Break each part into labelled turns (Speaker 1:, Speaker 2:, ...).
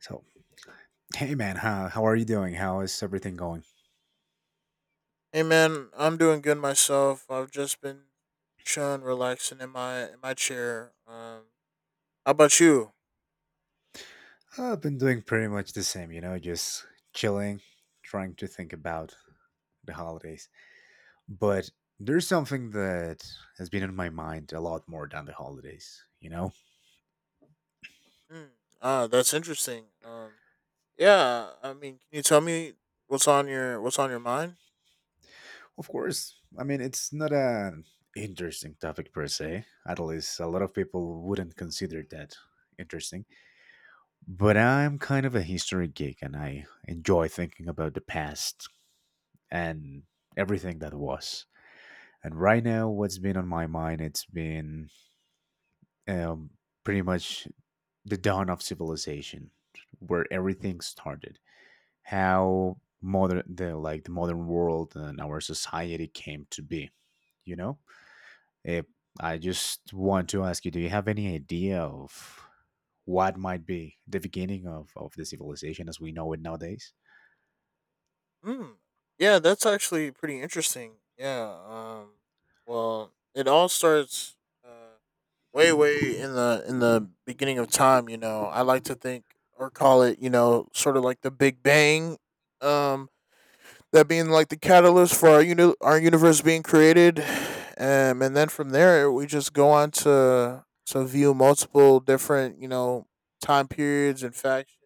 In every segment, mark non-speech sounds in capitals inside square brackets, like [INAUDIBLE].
Speaker 1: So, hey man, how are you doing? How is everything going?
Speaker 2: Hey man, I'm doing good myself. I've just been chilling, relaxing in my chair. How about you?
Speaker 1: I've been doing pretty much the same, you know, just chilling, trying to think about the holidays. But there's something that has been in my mind a lot more than the holidays, you know?
Speaker 2: Hmm. Ah, that's interesting. Yeah. I mean, can you tell me what's on your mind?
Speaker 1: Of course, I mean, it's not an interesting topic per se. At least a lot of people wouldn't consider that interesting. But I'm kind of a history geek and I enjoy thinking about the past and everything that was. And right now, what's been on my mind? It's been um, pretty much the dawn of civilization, where everything started. How modern, the like the modern world and our society came to be. You know, Eh, I just want to ask you: do you have any idea of what might be the beginning of the civilization as we know it nowadays?
Speaker 2: Hmm. Yeah, that's actually pretty interesting. Yeah. Well, it all starts uh, way in the beginning of time. You know, I like to think or call it, you know, sort of like the Big Bang. Um that being like the catalyst for our our universe being created, and then from there we just go on to view multiple different, you know, time periods and factions,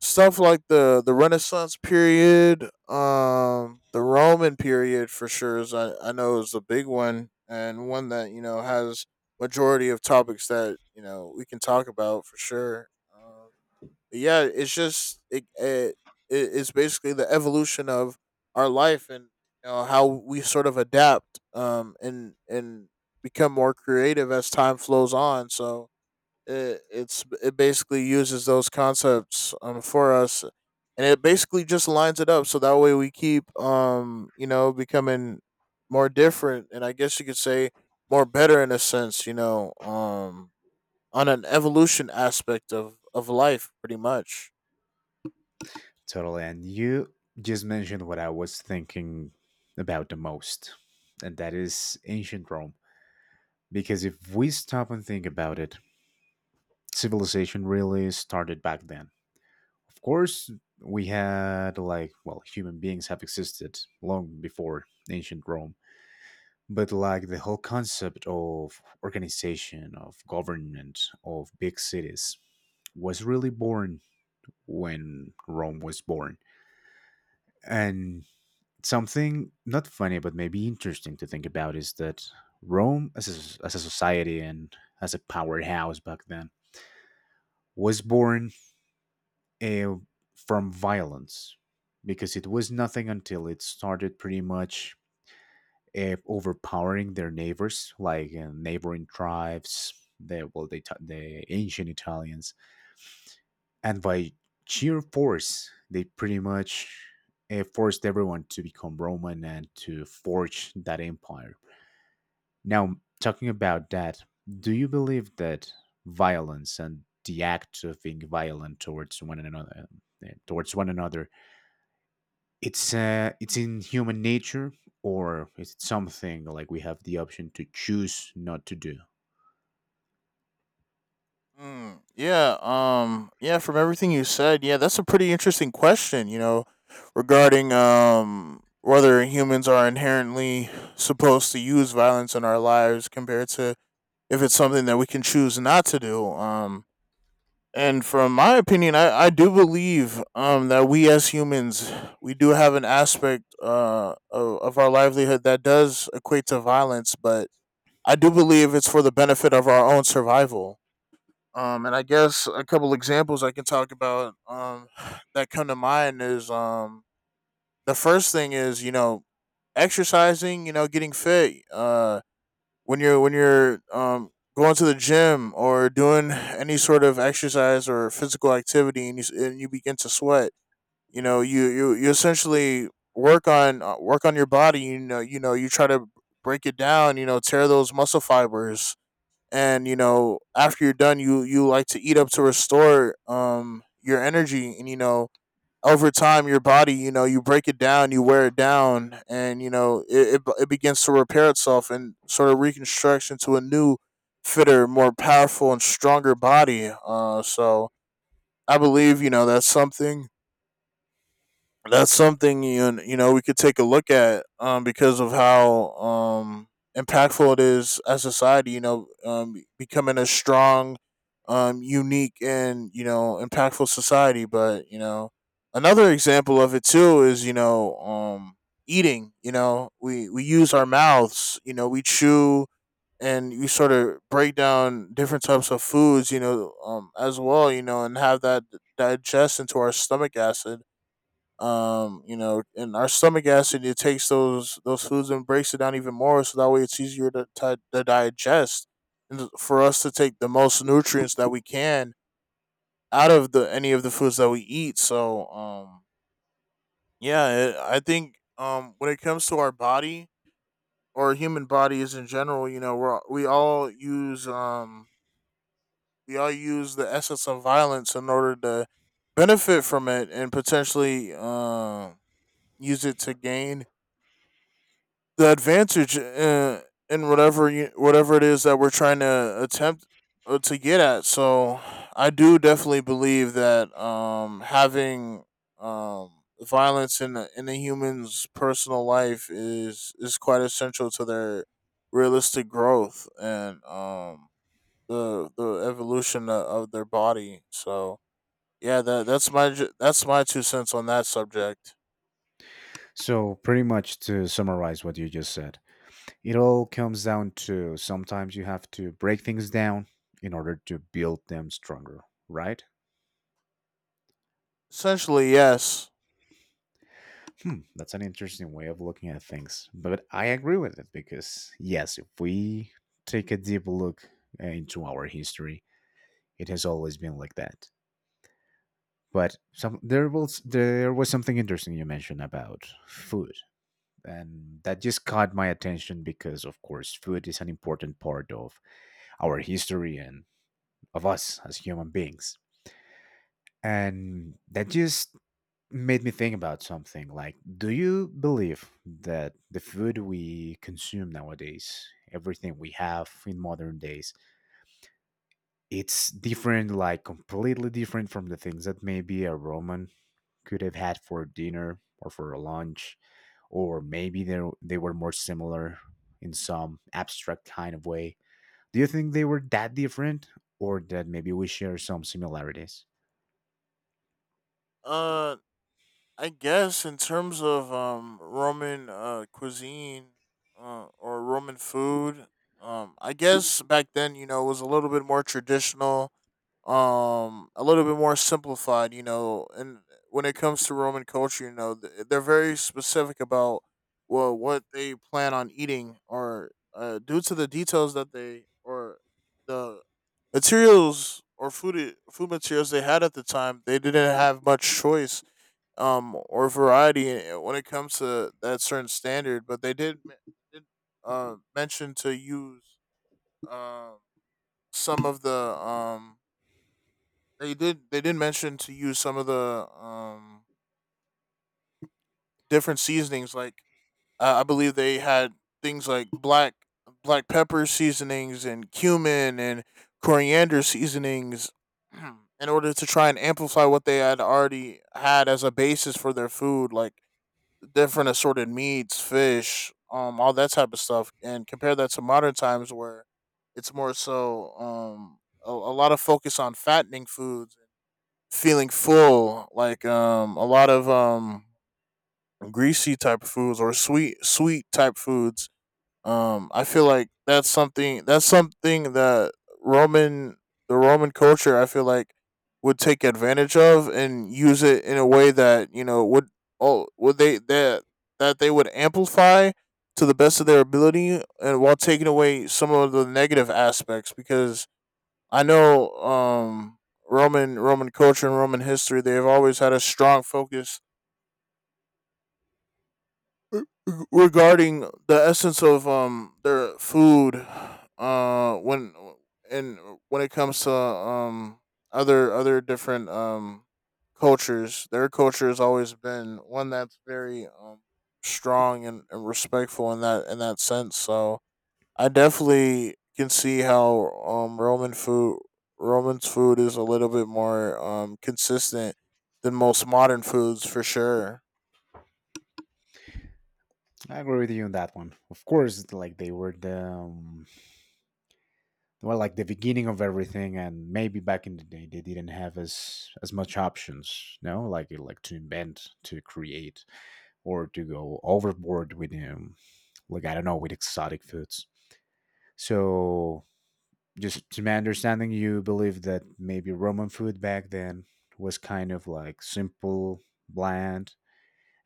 Speaker 2: stuff like the Renaissance period, the Roman period for sure is I know is a big one and one that, you know, has majority of topics that, you know, we can talk about for sure. Um, yeah, it's just it it's basically the evolution of our life and, you know, how we sort of adapt and become more creative as time flows on. So it basically uses those concepts for us, and it basically just lines it up so that way we keep, you know, becoming more different, and I guess you could say more better in a sense, you know, on an evolution aspect of life pretty much.
Speaker 1: Totally. And you just mentioned what I was thinking about the most, and that is ancient Rome. Because if we stop and think about it, civilization really started back then. Of course, we had like, well, human beings have existed long before ancient Rome, but like the whole concept of organization, of government, of big cities was really born when Rome was born. And something not funny, but maybe interesting to think about is that Rome as a society and as a powerhouse back then was born uh, from violence because it was nothing until it started pretty much overpowering their neighbors, like neighboring tribes, the ancient Italians, and by sheer force, they pretty much forced everyone to become Roman and to forge that empire. Now, talking about that, do you believe that violence and the act of being violent towards one another, it's in human nature, or is it something like we have the option to choose not to do?
Speaker 2: Yeah, yeah, from everything you said, yeah, that's a pretty interesting question, you know, regarding whether humans are inherently supposed to use violence in our lives compared to if it's something that we can choose not to do. And from my opinion, I do believe that we as humans we do have an aspect of our livelihood that does equate to violence, but I do believe it's for the benefit of our own survival, and I guess a couple examples I can talk about, [SIGHS] that come to mind is, the first thing is, you know, exercising, you know, getting fit. When you're going to the gym or doing [SIGHS] any sort of exercise or physical activity, and and you begin to sweat, you know you essentially work on, work on your body. You know, you know, you try to break it down. You know, tear those muscle fibers, and you know, after you're done you like to eat up to restore your energy, and you know, over time your body, you know, you break it down, you wear it down, and you know it begins to repair itself and sort of reconstructs into a new fitter, more powerful and stronger body, so I believe, you know, that's something you, you know, we could take a look at, because of how, impactful it is as a society. You know, becoming a strong, unique, and you know, impactful society. But you know, another example of it too is, you know, eating. You know, we use our mouths. You know, we chew and you sort of break down different types of foods. You know, as well. You know, and have that digest into our stomach acid, you know, and our stomach acid it takes those foods and breaks it down even more so that way it's easier to, to digest and for us to take the most nutrients that we can out of the any of the foods that we eat, so yeah, it, I think when it comes to our body or human bodies in general, you know, we're we all use the essence of violence in order to benefit from it and potentially use it to gain the advantage in whatever you, whatever it is that we're trying to attempt, to get at. So I do definitely believe that, having, um, violence in a human's personal life is quite essential to their realistic growth and, the evolution of their body. So yeah, that's my 2 cents on that subject.
Speaker 1: So, pretty much to summarize what you just said, it all comes down to sometimes you have to break things down in order to build them stronger, right?
Speaker 2: Essentially, yes.
Speaker 1: Hmm, that's an interesting way of looking at things, but I agree with it because, yes, if we take a deep look into our history, it has always been like that. But some there was something interesting you mentioned about food, and that just caught my attention because, of course, food is an important part of our history and of us as human beings, and that just made me think about something. Like, do you believe that the food we consume nowadays, everything we have in modern days, it's different, like completely different from the things that maybe a roman could have had for dinner or for a lunch? Or maybe they were more similar in some abstract kind of way. Do you think they were that different, or that maybe we share some similarities?
Speaker 2: Uh, I guess in terms of Roman cuisine, or Roman food, I guess back then, you know, it was a little bit more traditional, a little bit more simplified. You know, and when it comes to Roman culture, you know they're very specific about well what they plan on eating or, due to the details that they, or the materials or food materials they had at the time, they didn't have much choice or variety, when it comes to that certain standard, but they did, did mention to use, um some of the um they did mention to use some of the different seasonings like, I believe they had things like black pepper seasonings and cumin and coriander seasonings [CLEARS THROAT] in order to try and amplify what they had already had as a basis for their food, like different assorted meats, fish, all that type of stuff, and compare that to modern times where it's more so, a lot of focus on fattening foods, feeling full, like a lot of greasy type of foods or sweet type foods, I feel like that's something that Roman the Roman culture I feel like would take advantage of and use it in a way that, you know, would oh would they that that they would amplify to the best of their ability, and while taking away some of the negative aspects, because I know Roman culture and Roman history they've always had a strong focus regarding the essence of, their food, uh when and when it comes to, other different, cultures, their culture has always been one that's very, strong and respectful in that sense. So I definitely can see how, Roman food, Roman's food is a little bit more, consistent than most modern foods for sure.
Speaker 1: I agree with you on that one. Of course, like they were the, well, like the beginning of everything, and maybe back in the day they didn't have as much options. No, like, like, to invent, to create, or to go overboard with like, I don't know, with exotic foods. So, just to my understanding, you believe that maybe roman food back then was kind of like simple, bland,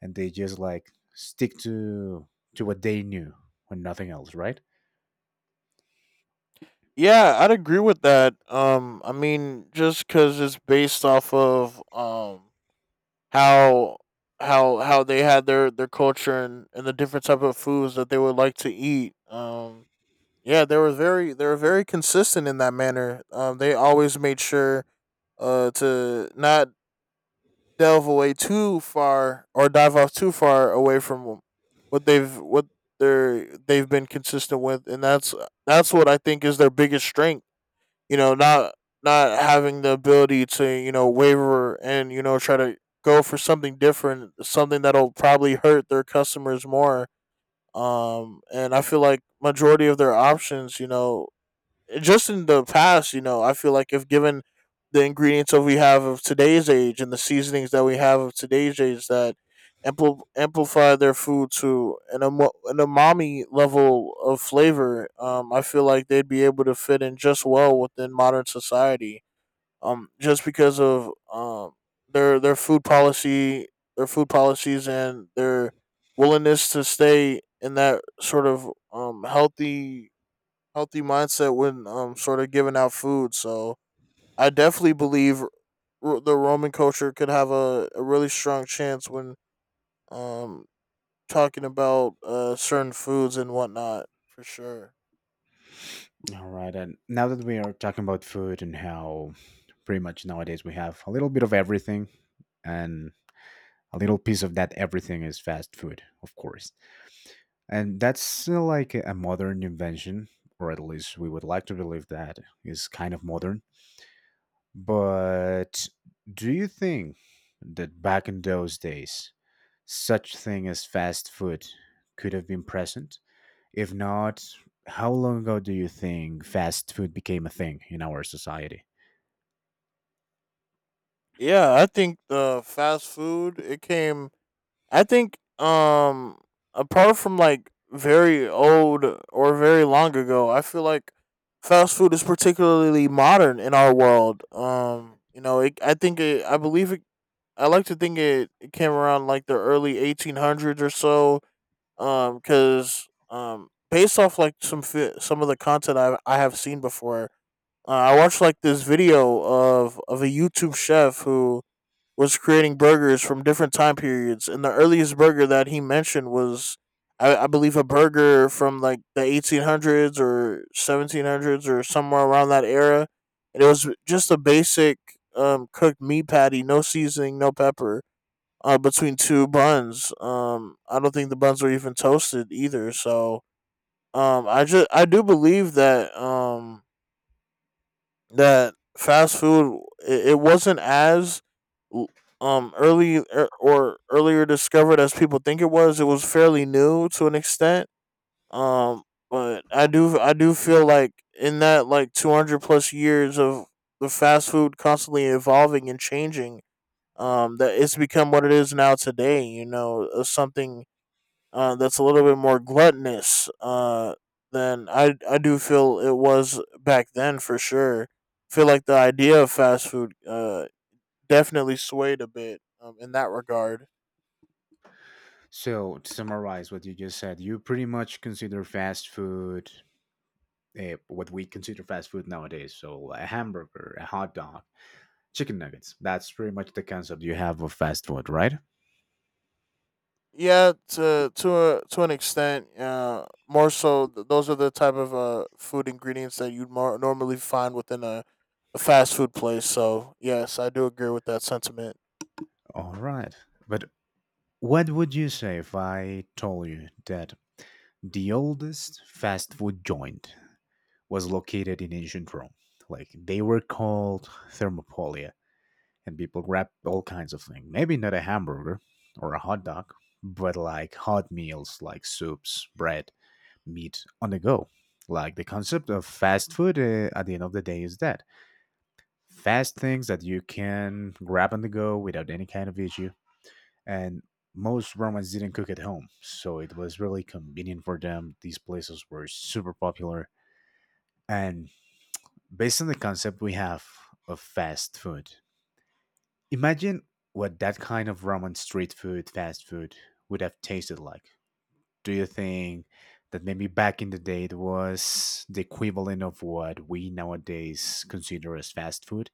Speaker 1: and they just like stick to what they knew and nothing else, right?
Speaker 2: Yeah, I'd agree with that. I mean, just because it's based off of, how how they had their culture and the different type of foods that they would like to eat. Yeah, they were very consistent in that manner. They always made sure, to not delve away too far or dive off too far away from what they've what they're they've been consistent with, and that's what I think is their biggest strength. You know, not having the ability to, you know, waver and, you know, try to go for something different, something that'll probably hurt their customers more. And I feel like majority of their options, you know, just in the past, you know, I feel like if given the ingredients that we have of today's age and the seasonings that we have of today's age that amplify their food to an umami level of flavor, I feel like they'd be able to fit in just well within modern society. Just because of, their food policy, their food policies, and their willingness to stay in that sort of, um, healthy healthy mindset when sort of giving out food. So I definitely believe the Roman culture could have a really strong chance when, um talking about, certain foods and whatnot for sure.
Speaker 1: All right, and now that we are talking about food and how pretty much nowadays we have a little bit of everything, and a little piece of that everything is fast food, of course, and that's like a modern invention, or at least we would like to believe that is kind of modern. But do you think that back in those days such thing as fast food could have been present? If not, how long ago do you think fast food became a thing in our society?
Speaker 2: Yeah, I think the fast food it came. I think apart from like very old or very long ago, I feel like fast food is particularly modern in our world. You know, I think it, I believe it, I like to think it, it came around like the early 1800s or so. Because based off like some some of the content I have seen before, I watched like this video of a YouTube chef who was creating burgers from different time periods, and the earliest burger that he mentioned was. I believe a burger from like the 1800s or 1700s or somewhere around that era, and it was just a basic, cooked meat patty, no seasoning, no pepper, between two buns. I don't think the buns were even toasted either. So I just I do believe that that fast food it, it wasn't as, early or earlier discovered as people think it was. It was fairly new to an extent. Um, but I do feel like in that like 200 plus years of the fast food constantly evolving and changing that it's become what it is now today, something that's a little bit more gluttonous, than I do feel it was back then for sure. Feel like the idea of fast food definitely swayed a bit, in that regard.
Speaker 1: So, to summarize what you just said, you pretty much consider fast food what we consider fast food nowadays. So, a hamburger, a hot dog, chicken nuggets. That's pretty much the concept you have of fast food, right?
Speaker 2: Yeah, to an extent. More so, those are the type of food ingredients that you'd more normally find within a fast food place, so yes, I do agree with that sentiment.
Speaker 1: All right. But what would you say if I told you that the oldest fast food joint was located in ancient Rome? Like, they were called Thermopylae. And people grab all kinds of things. Maybe not a hamburger or a hot dog, but like hot meals like soups, bread, meat on the go. Like, the concept of fast food at the end of the day is that fast things that you can grab on the go without any kind of issue. And most Romans didn't cook at home, so it was really convenient for them. These places were super popular. And based on the concept we have of fast food, imagine what that kind of Roman street food, fast food, would have tasted like. Do you think that maybe back in the day it was the equivalent of what we nowadays consider as fast food,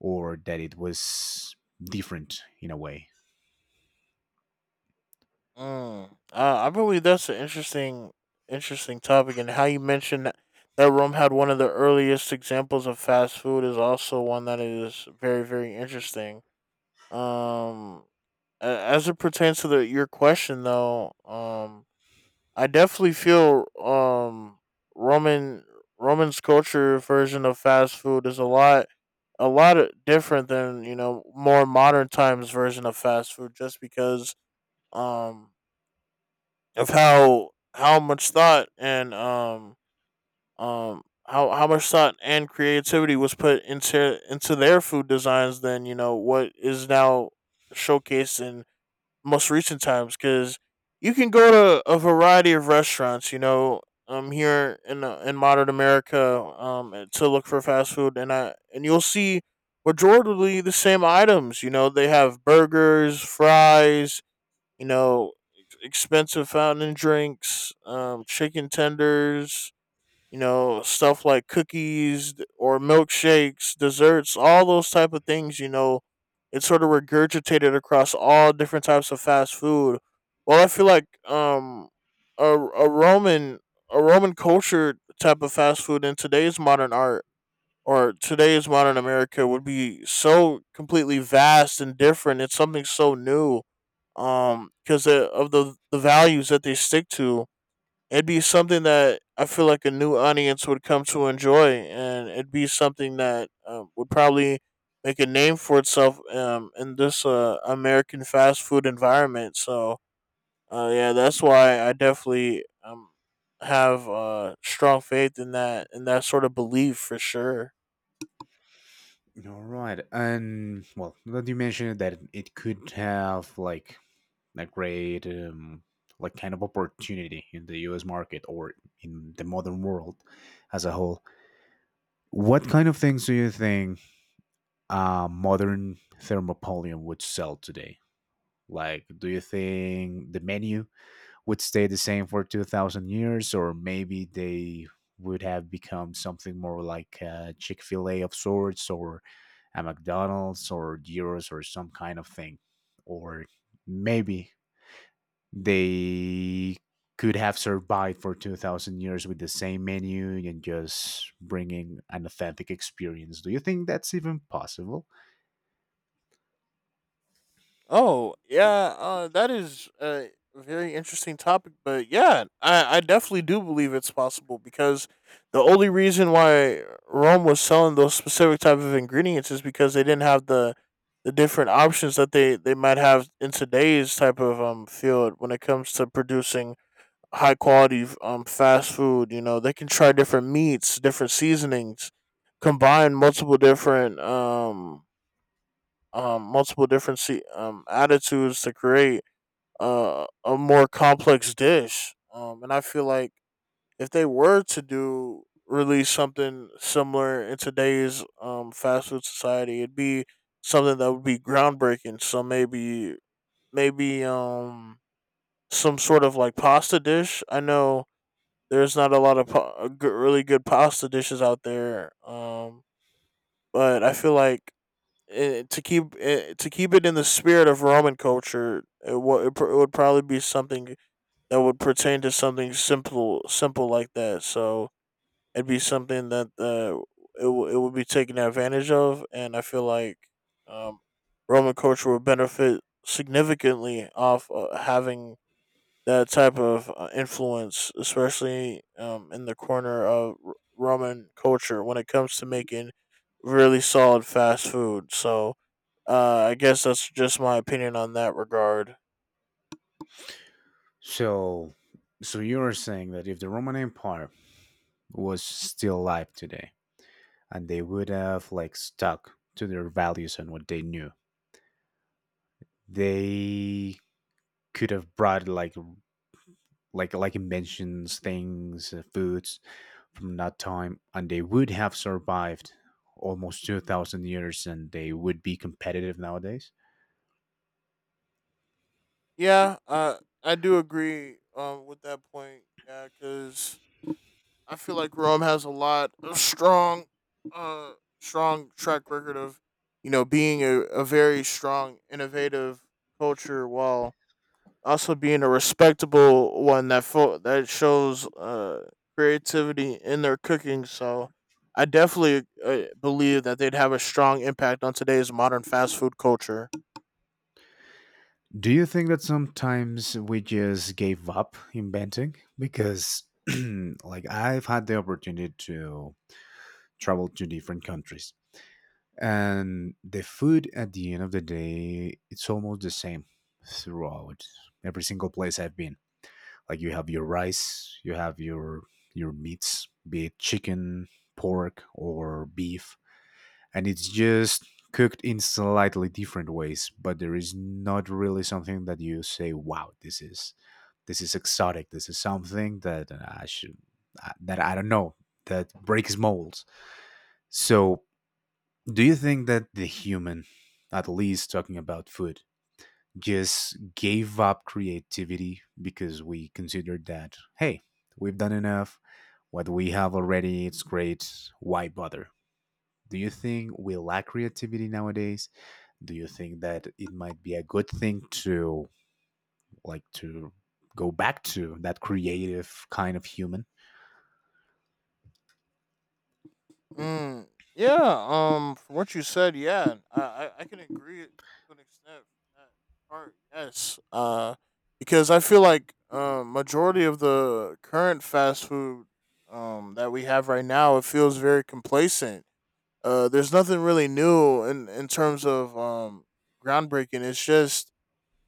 Speaker 1: or that it was different in a way?
Speaker 2: Mm. I believe that's an interesting, interesting topic, and how you mentioned that, that Rome had one of the earliest examples of fast food is also one that is very, very interesting. Um, as it pertains to the your question though, I definitely feel Roman Roman's culture version of fast food is a lot different than, you know, more modern times version of fast food, just because um of how much thought and how much thought and creativity was put into their food designs than, you know, what is now showcased in most recent times, because you can go to a variety of restaurants, you know, here in modern America to look for fast food. And I and you'll see majority the same items. You know, they have burgers, fries, you know, expensive fountain drinks, chicken tenders, you know, stuff like cookies, d- or milkshakes, desserts, all those type of things, you know. It's sort of regurgitated across all different types of fast food. Well, I feel like a, a Roman a Roman culture type of fast food in today's modern art or today's modern America would be so completely vast and different. It's something so new because of the values that they stick to. It'd be something that I feel like a new audience would come to enjoy, and it'd be something that, would probably make a name for itself, in this american fast food environment. So yeah, that's why I definitely, have strong faith in that sort of belief for sure.
Speaker 1: All right, and well, now that you mentioned that it could have like a great, like, kind of opportunity in the U.S. market or in the modern world as a whole. What kind of things do you think a modern thermopolium would sell today? Like, do you think the menu would stay the same for 2000 years, or maybe they would have become something more like a Chick fil A of sorts, or a McDonald's, or Gyros, or some kind of thing? Or maybe they could have survived for 2000 years with the same menu and just bringing an authentic experience. Do you think that's even possible?
Speaker 2: Oh yeah, that is a very interesting topic. But yeah, I definitely do believe it's possible, because the only reason why Rome was selling those specific type of ingredients is because they didn't have the different options that they might have in today's type of field when it comes to producing high quality fast food. You know, they can try different meats, different seasonings, combine multiple different attitudes to create a more complex dish. And I feel like if they were to do release something similar in today's, fast food society, it'd be something that would be groundbreaking. So maybe, maybe um, some sort of like pasta dish. I know there's not a lot of good, really good pasta dishes out there, but I feel like, to keep it in the spirit of Roman culture, it, wa- it, pr- it would probably be something that would pertain to something simple, simple like that. So it'd be something that, it would be taken advantage of, and I feel like, um, Roman culture would benefit significantly off, having that type of influence, especially, in the corner of Roman culture when it comes to making really solid fast food. So I guess that's just my opinion on that regard.
Speaker 1: So, so, you are saying that if the Roman Empire was still alive today, and they would have like stuck to their values and what they knew, they could have brought like inventions, things, foods from that time, and they would have survived almost 2,000 years, and they would be competitive nowadays.
Speaker 2: Yeah, I do agree, with that point. Yeah, because I feel like Rome has a lot of strong, uh, strong track record of, you know, being a very strong, innovative culture while also being a respectable one that that shows creativity in their cooking. So I definitely believe that they'd have a strong impact on today's modern fast food culture.
Speaker 1: Do you think that sometimes we just gave up inventing because? [CLEARS THROAT] Like, I've had the opportunity to travel to different countries. And the food at the end of the day, it's almost the same throughout every single place I've been. Like, you have your rice, you have your meats, be it chicken, pork, or beef, and it's just cooked in slightly different ways. But there is not really something that you say, "Wow, this is exotic. This is something that I should, that I don't know, that breaks molds." So, do you think that the human, at least talking about food, just gave up creativity because we considered that, hey, we've done enough, what we have already, it's great, why bother? Do you think we lack creativity nowadays? Do you think that it might be a good thing to, like, to go back to that creative kind of human?
Speaker 2: Mm, yeah. From what you said, yeah, I can agree to an extent. That Part yes. Because I feel like majority of the current fast food that we have right now, it feels very complacent. There's nothing really new in terms of groundbreaking. It's just,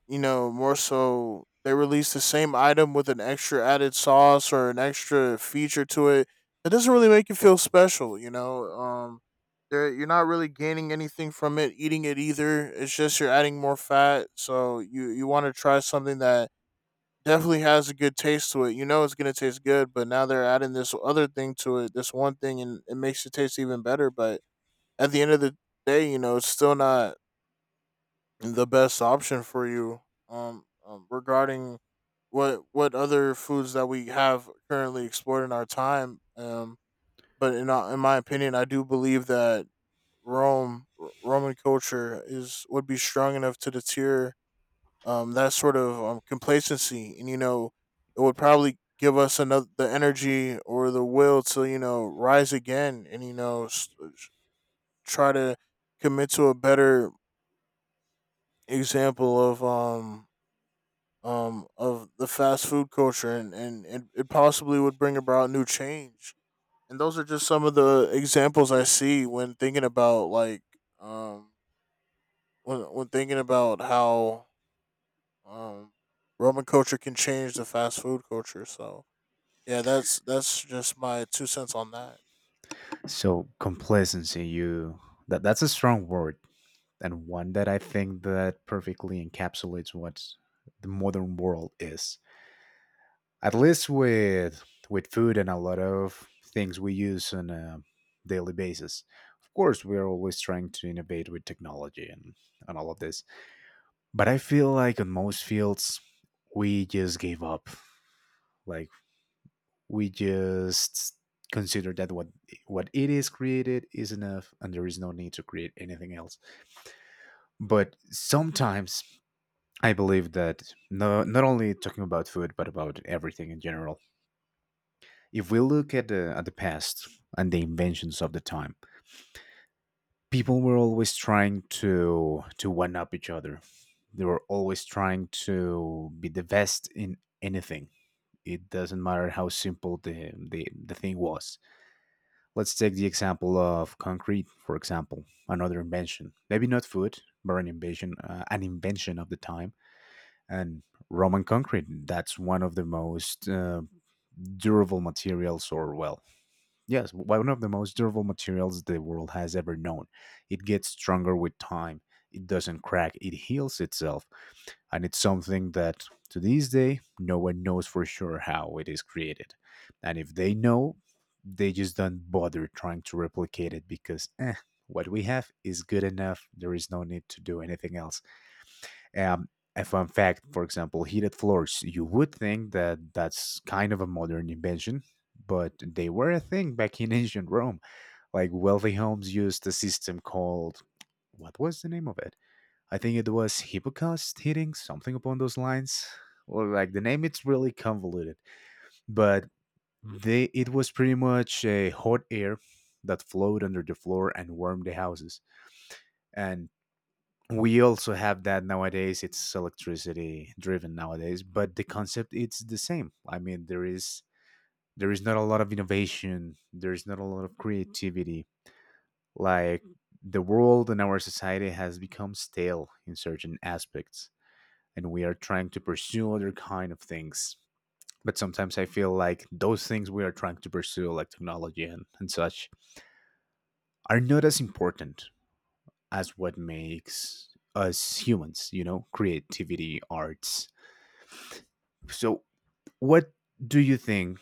Speaker 2: you know, more so they release the same item with an extra added sauce or an extra feature to it. It doesn't really make you feel special, you know. There you're not really gaining anything from it eating it either. It's just you're adding more fat, so you want to try something that definitely has a good taste to it. You know it's gonna taste good, but now they're adding this other thing to it, this one thing, and it makes it taste even better. But at the end of the day, you know, it's still not the best option for you. Regarding what other foods that we have currently explored in our time. But in my opinion, I do believe that Roman culture is would be strong enough to deter that sort of, complacency, and you know, it would probably give us another the energy or the will to, you know, rise again, and you know, try to commit to a better example of the fast food culture, it it possibly would bring about new change. And those are just some of the examples I see when thinking about like, um when thinking about how, um Roman culture can change the fast food culture. So yeah, that's just my two cents on that.
Speaker 1: So, complacency, you that that's a strong word, and one that I think that perfectly encapsulates what the modern world is. At least with food and a lot of things we use on a daily basis. Of course, we are always trying to innovate with technology and all of this. But I feel like in most fields, we just gave up. Like, we just consider that what it is created is enough and there is no need to create anything else. But sometimes I believe that no, not only talking about food, but about everything in general. If we look at the past and the inventions of the time, people were always trying to one up each other. They were always trying to be the best in anything. It doesn't matter how simple the thing was. Let's take the example of concrete, for example, another invention. Maybe not food, but an invention of the time. And Roman concrete, that's one of the most durable materials, or well, yes, one of the most durable materials the world has ever known. It gets stronger with time, it doesn't crack, it heals itself. And it's something that to this day, no one knows for sure how it is created. And if they know, they just don't bother trying to replicate it because what we have is good enough. There is no need to do anything else. Um, a fun fact, for example, heated floors. You would think that that's kind of a modern invention, but they were a thing back in [LAUGHS] ancient Rome. Like, wealthy homes used a system called, what was the name of it? I think it was hippocaust heating, something upon those lines. Or like the name, it's really convoluted, but they it was pretty much a hot air that flowed under the floor and warmed the houses. And we also have that nowadays, it's electricity driven nowadays, but the concept it's the same. I mean, there is not a lot of innovation, there is not a lot of creativity. Like, the world and our society has become stale in certain aspects, and we are trying to pursue other kind of things, but sometimes I feel like those things we are trying to pursue, like technology and such, are not as important as what makes us humans, you know, creativity, arts. So, what do you think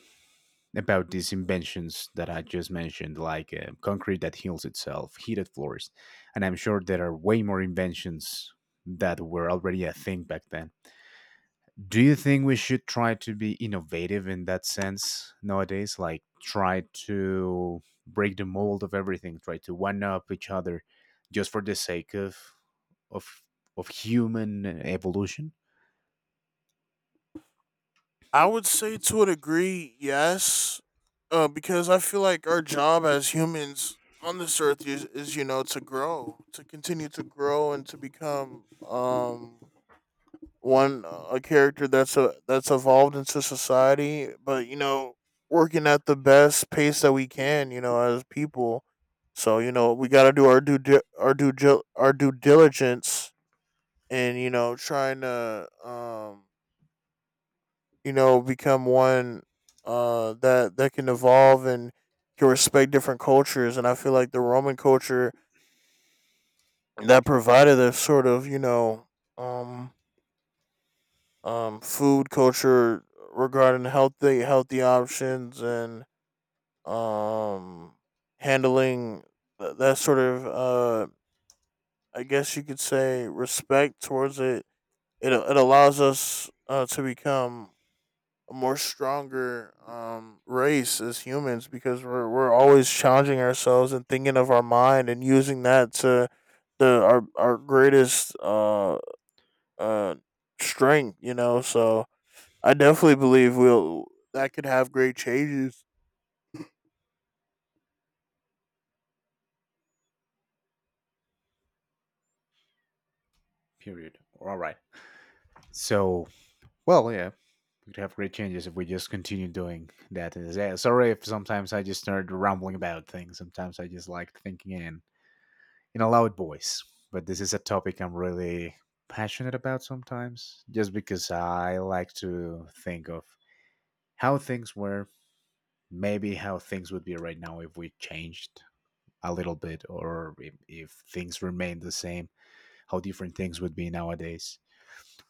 Speaker 1: about these inventions that I just mentioned, like concrete that heals itself, heated floors? And I'm sure there are way more inventions that were already a thing back then. Do you think we should try to be innovative in that sense nowadays? Like, try to break the mold of everything, try to one up each other just for the sake of, of human evolution?
Speaker 2: I would say to a degree, yes, because I feel like our job as humans on this earth is, you know, to grow, to continue to grow, and to become one, a character that's evolved into society. But you know, working at the best pace that we can, you know, as people. So you know, we got to do our due di- our due gil- our due diligence, and you know, trying to, you know, become one, that that can evolve and can respect different cultures. And I feel like the Roman culture, that provided a sort of, you know, um food culture regarding healthy, healthy options, and um handling, that sort of, I guess you could say respect towards it. It allows us, to become a more stronger, race as humans, because we're always challenging ourselves and thinking of our mind and using that to the our greatest uh strength, you know. So I definitely believe we'll that could have great changes.
Speaker 1: Period. All right. So, well, yeah, we could have great changes if we just continue doing that. And yeah, sorry if sometimes I just start rambling about things. Sometimes I just like thinking in a loud voice. But this is a topic I'm really passionate about sometimes, just because I like to think of how things were, maybe how things would be right now if we changed a little bit, or if things remained the same, how different things would be nowadays.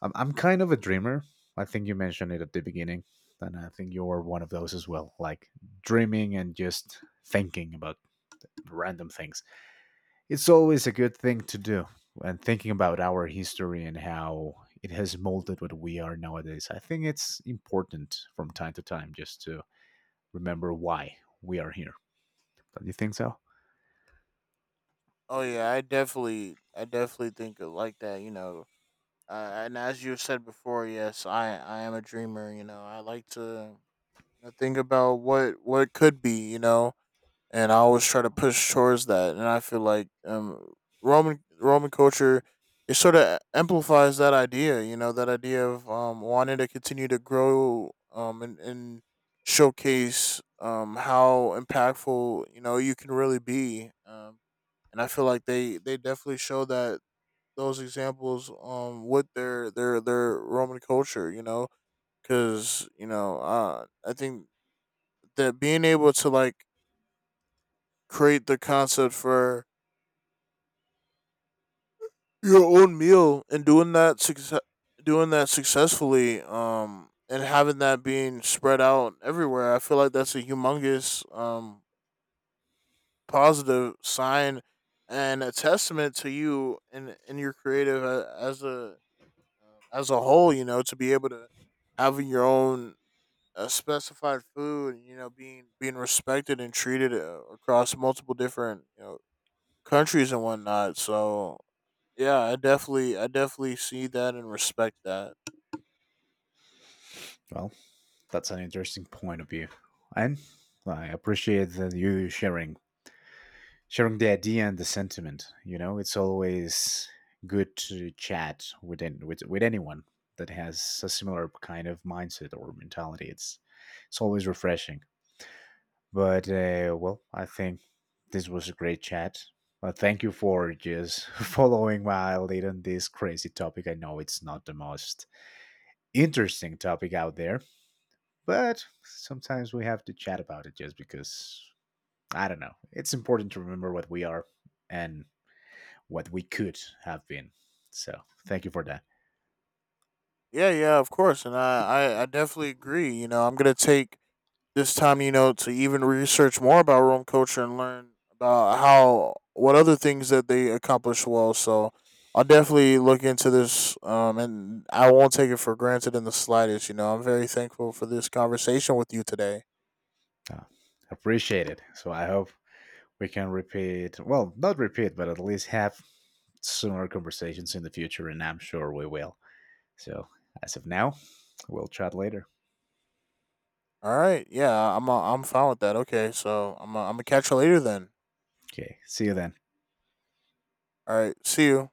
Speaker 1: I'm kind of a dreamer. I think you mentioned it at the beginning, and I think you're one of those as well. Like, dreaming and just thinking about random things. It's always a good thing to do. And thinking about our history and how it has molded what we are nowadays, I think it's important from time to time just to remember why we are here. Don't you think so?
Speaker 2: Oh yeah, I definitely think of like that, you know. And as you said before, yes, I am a dreamer, you know. I like to, you know, think about what could be, you know, and I always try to push towards that. And I feel like, Roman culture, it sort of amplifies that idea. You know, that idea of, wanting to continue to grow, and showcase, how impactful, you know, you can really be. And I feel like they definitely show that those examples, with their Roman culture. You know, because you know, I think that being able to like create the concept for your own meal and doing that successfully, and having that being spread out everywhere, I feel like that's a humongous, positive sign and a testament to you, and your as a whole, you know, to be able to having your own, specified food, you know, being respected and treated, across multiple different, you know, countries and whatnot. So yeah, I definitely see that and respect that.
Speaker 1: Well, that's an interesting point of view. And I appreciate that you sharing the idea and the sentiment. You know, it's always good to chat with with anyone that has a similar kind of mindset or mentality. It's always refreshing. But well, I think this was a great chat. Thank you for just [LAUGHS] following my lead on this crazy topic. I know it's not the most interesting topic out there, but sometimes we have to chat about it just because I don't know. It's important to remember what we are and what we could have been. So, thank you for that.
Speaker 2: Yeah, yeah, of course, and I definitely agree. You know, I'm gonna take this time, you know, to even research more about Rome culture and learn about how what other things that they accomplish well. So I'll definitely look into this, and I won't take it for granted in the slightest. You know, I'm very thankful for this conversation with you today.
Speaker 1: Uh, Appreciate it. So, I hope we can repeat, well, not repeat, but at least have similar conversations in the future, and I'm sure we will. So, as of now, we'll chat later.
Speaker 2: All right, yeah, I'm fine with that. Okay, so I'm gonna catch you later then.
Speaker 1: Okay, see you then.
Speaker 2: All right, see you.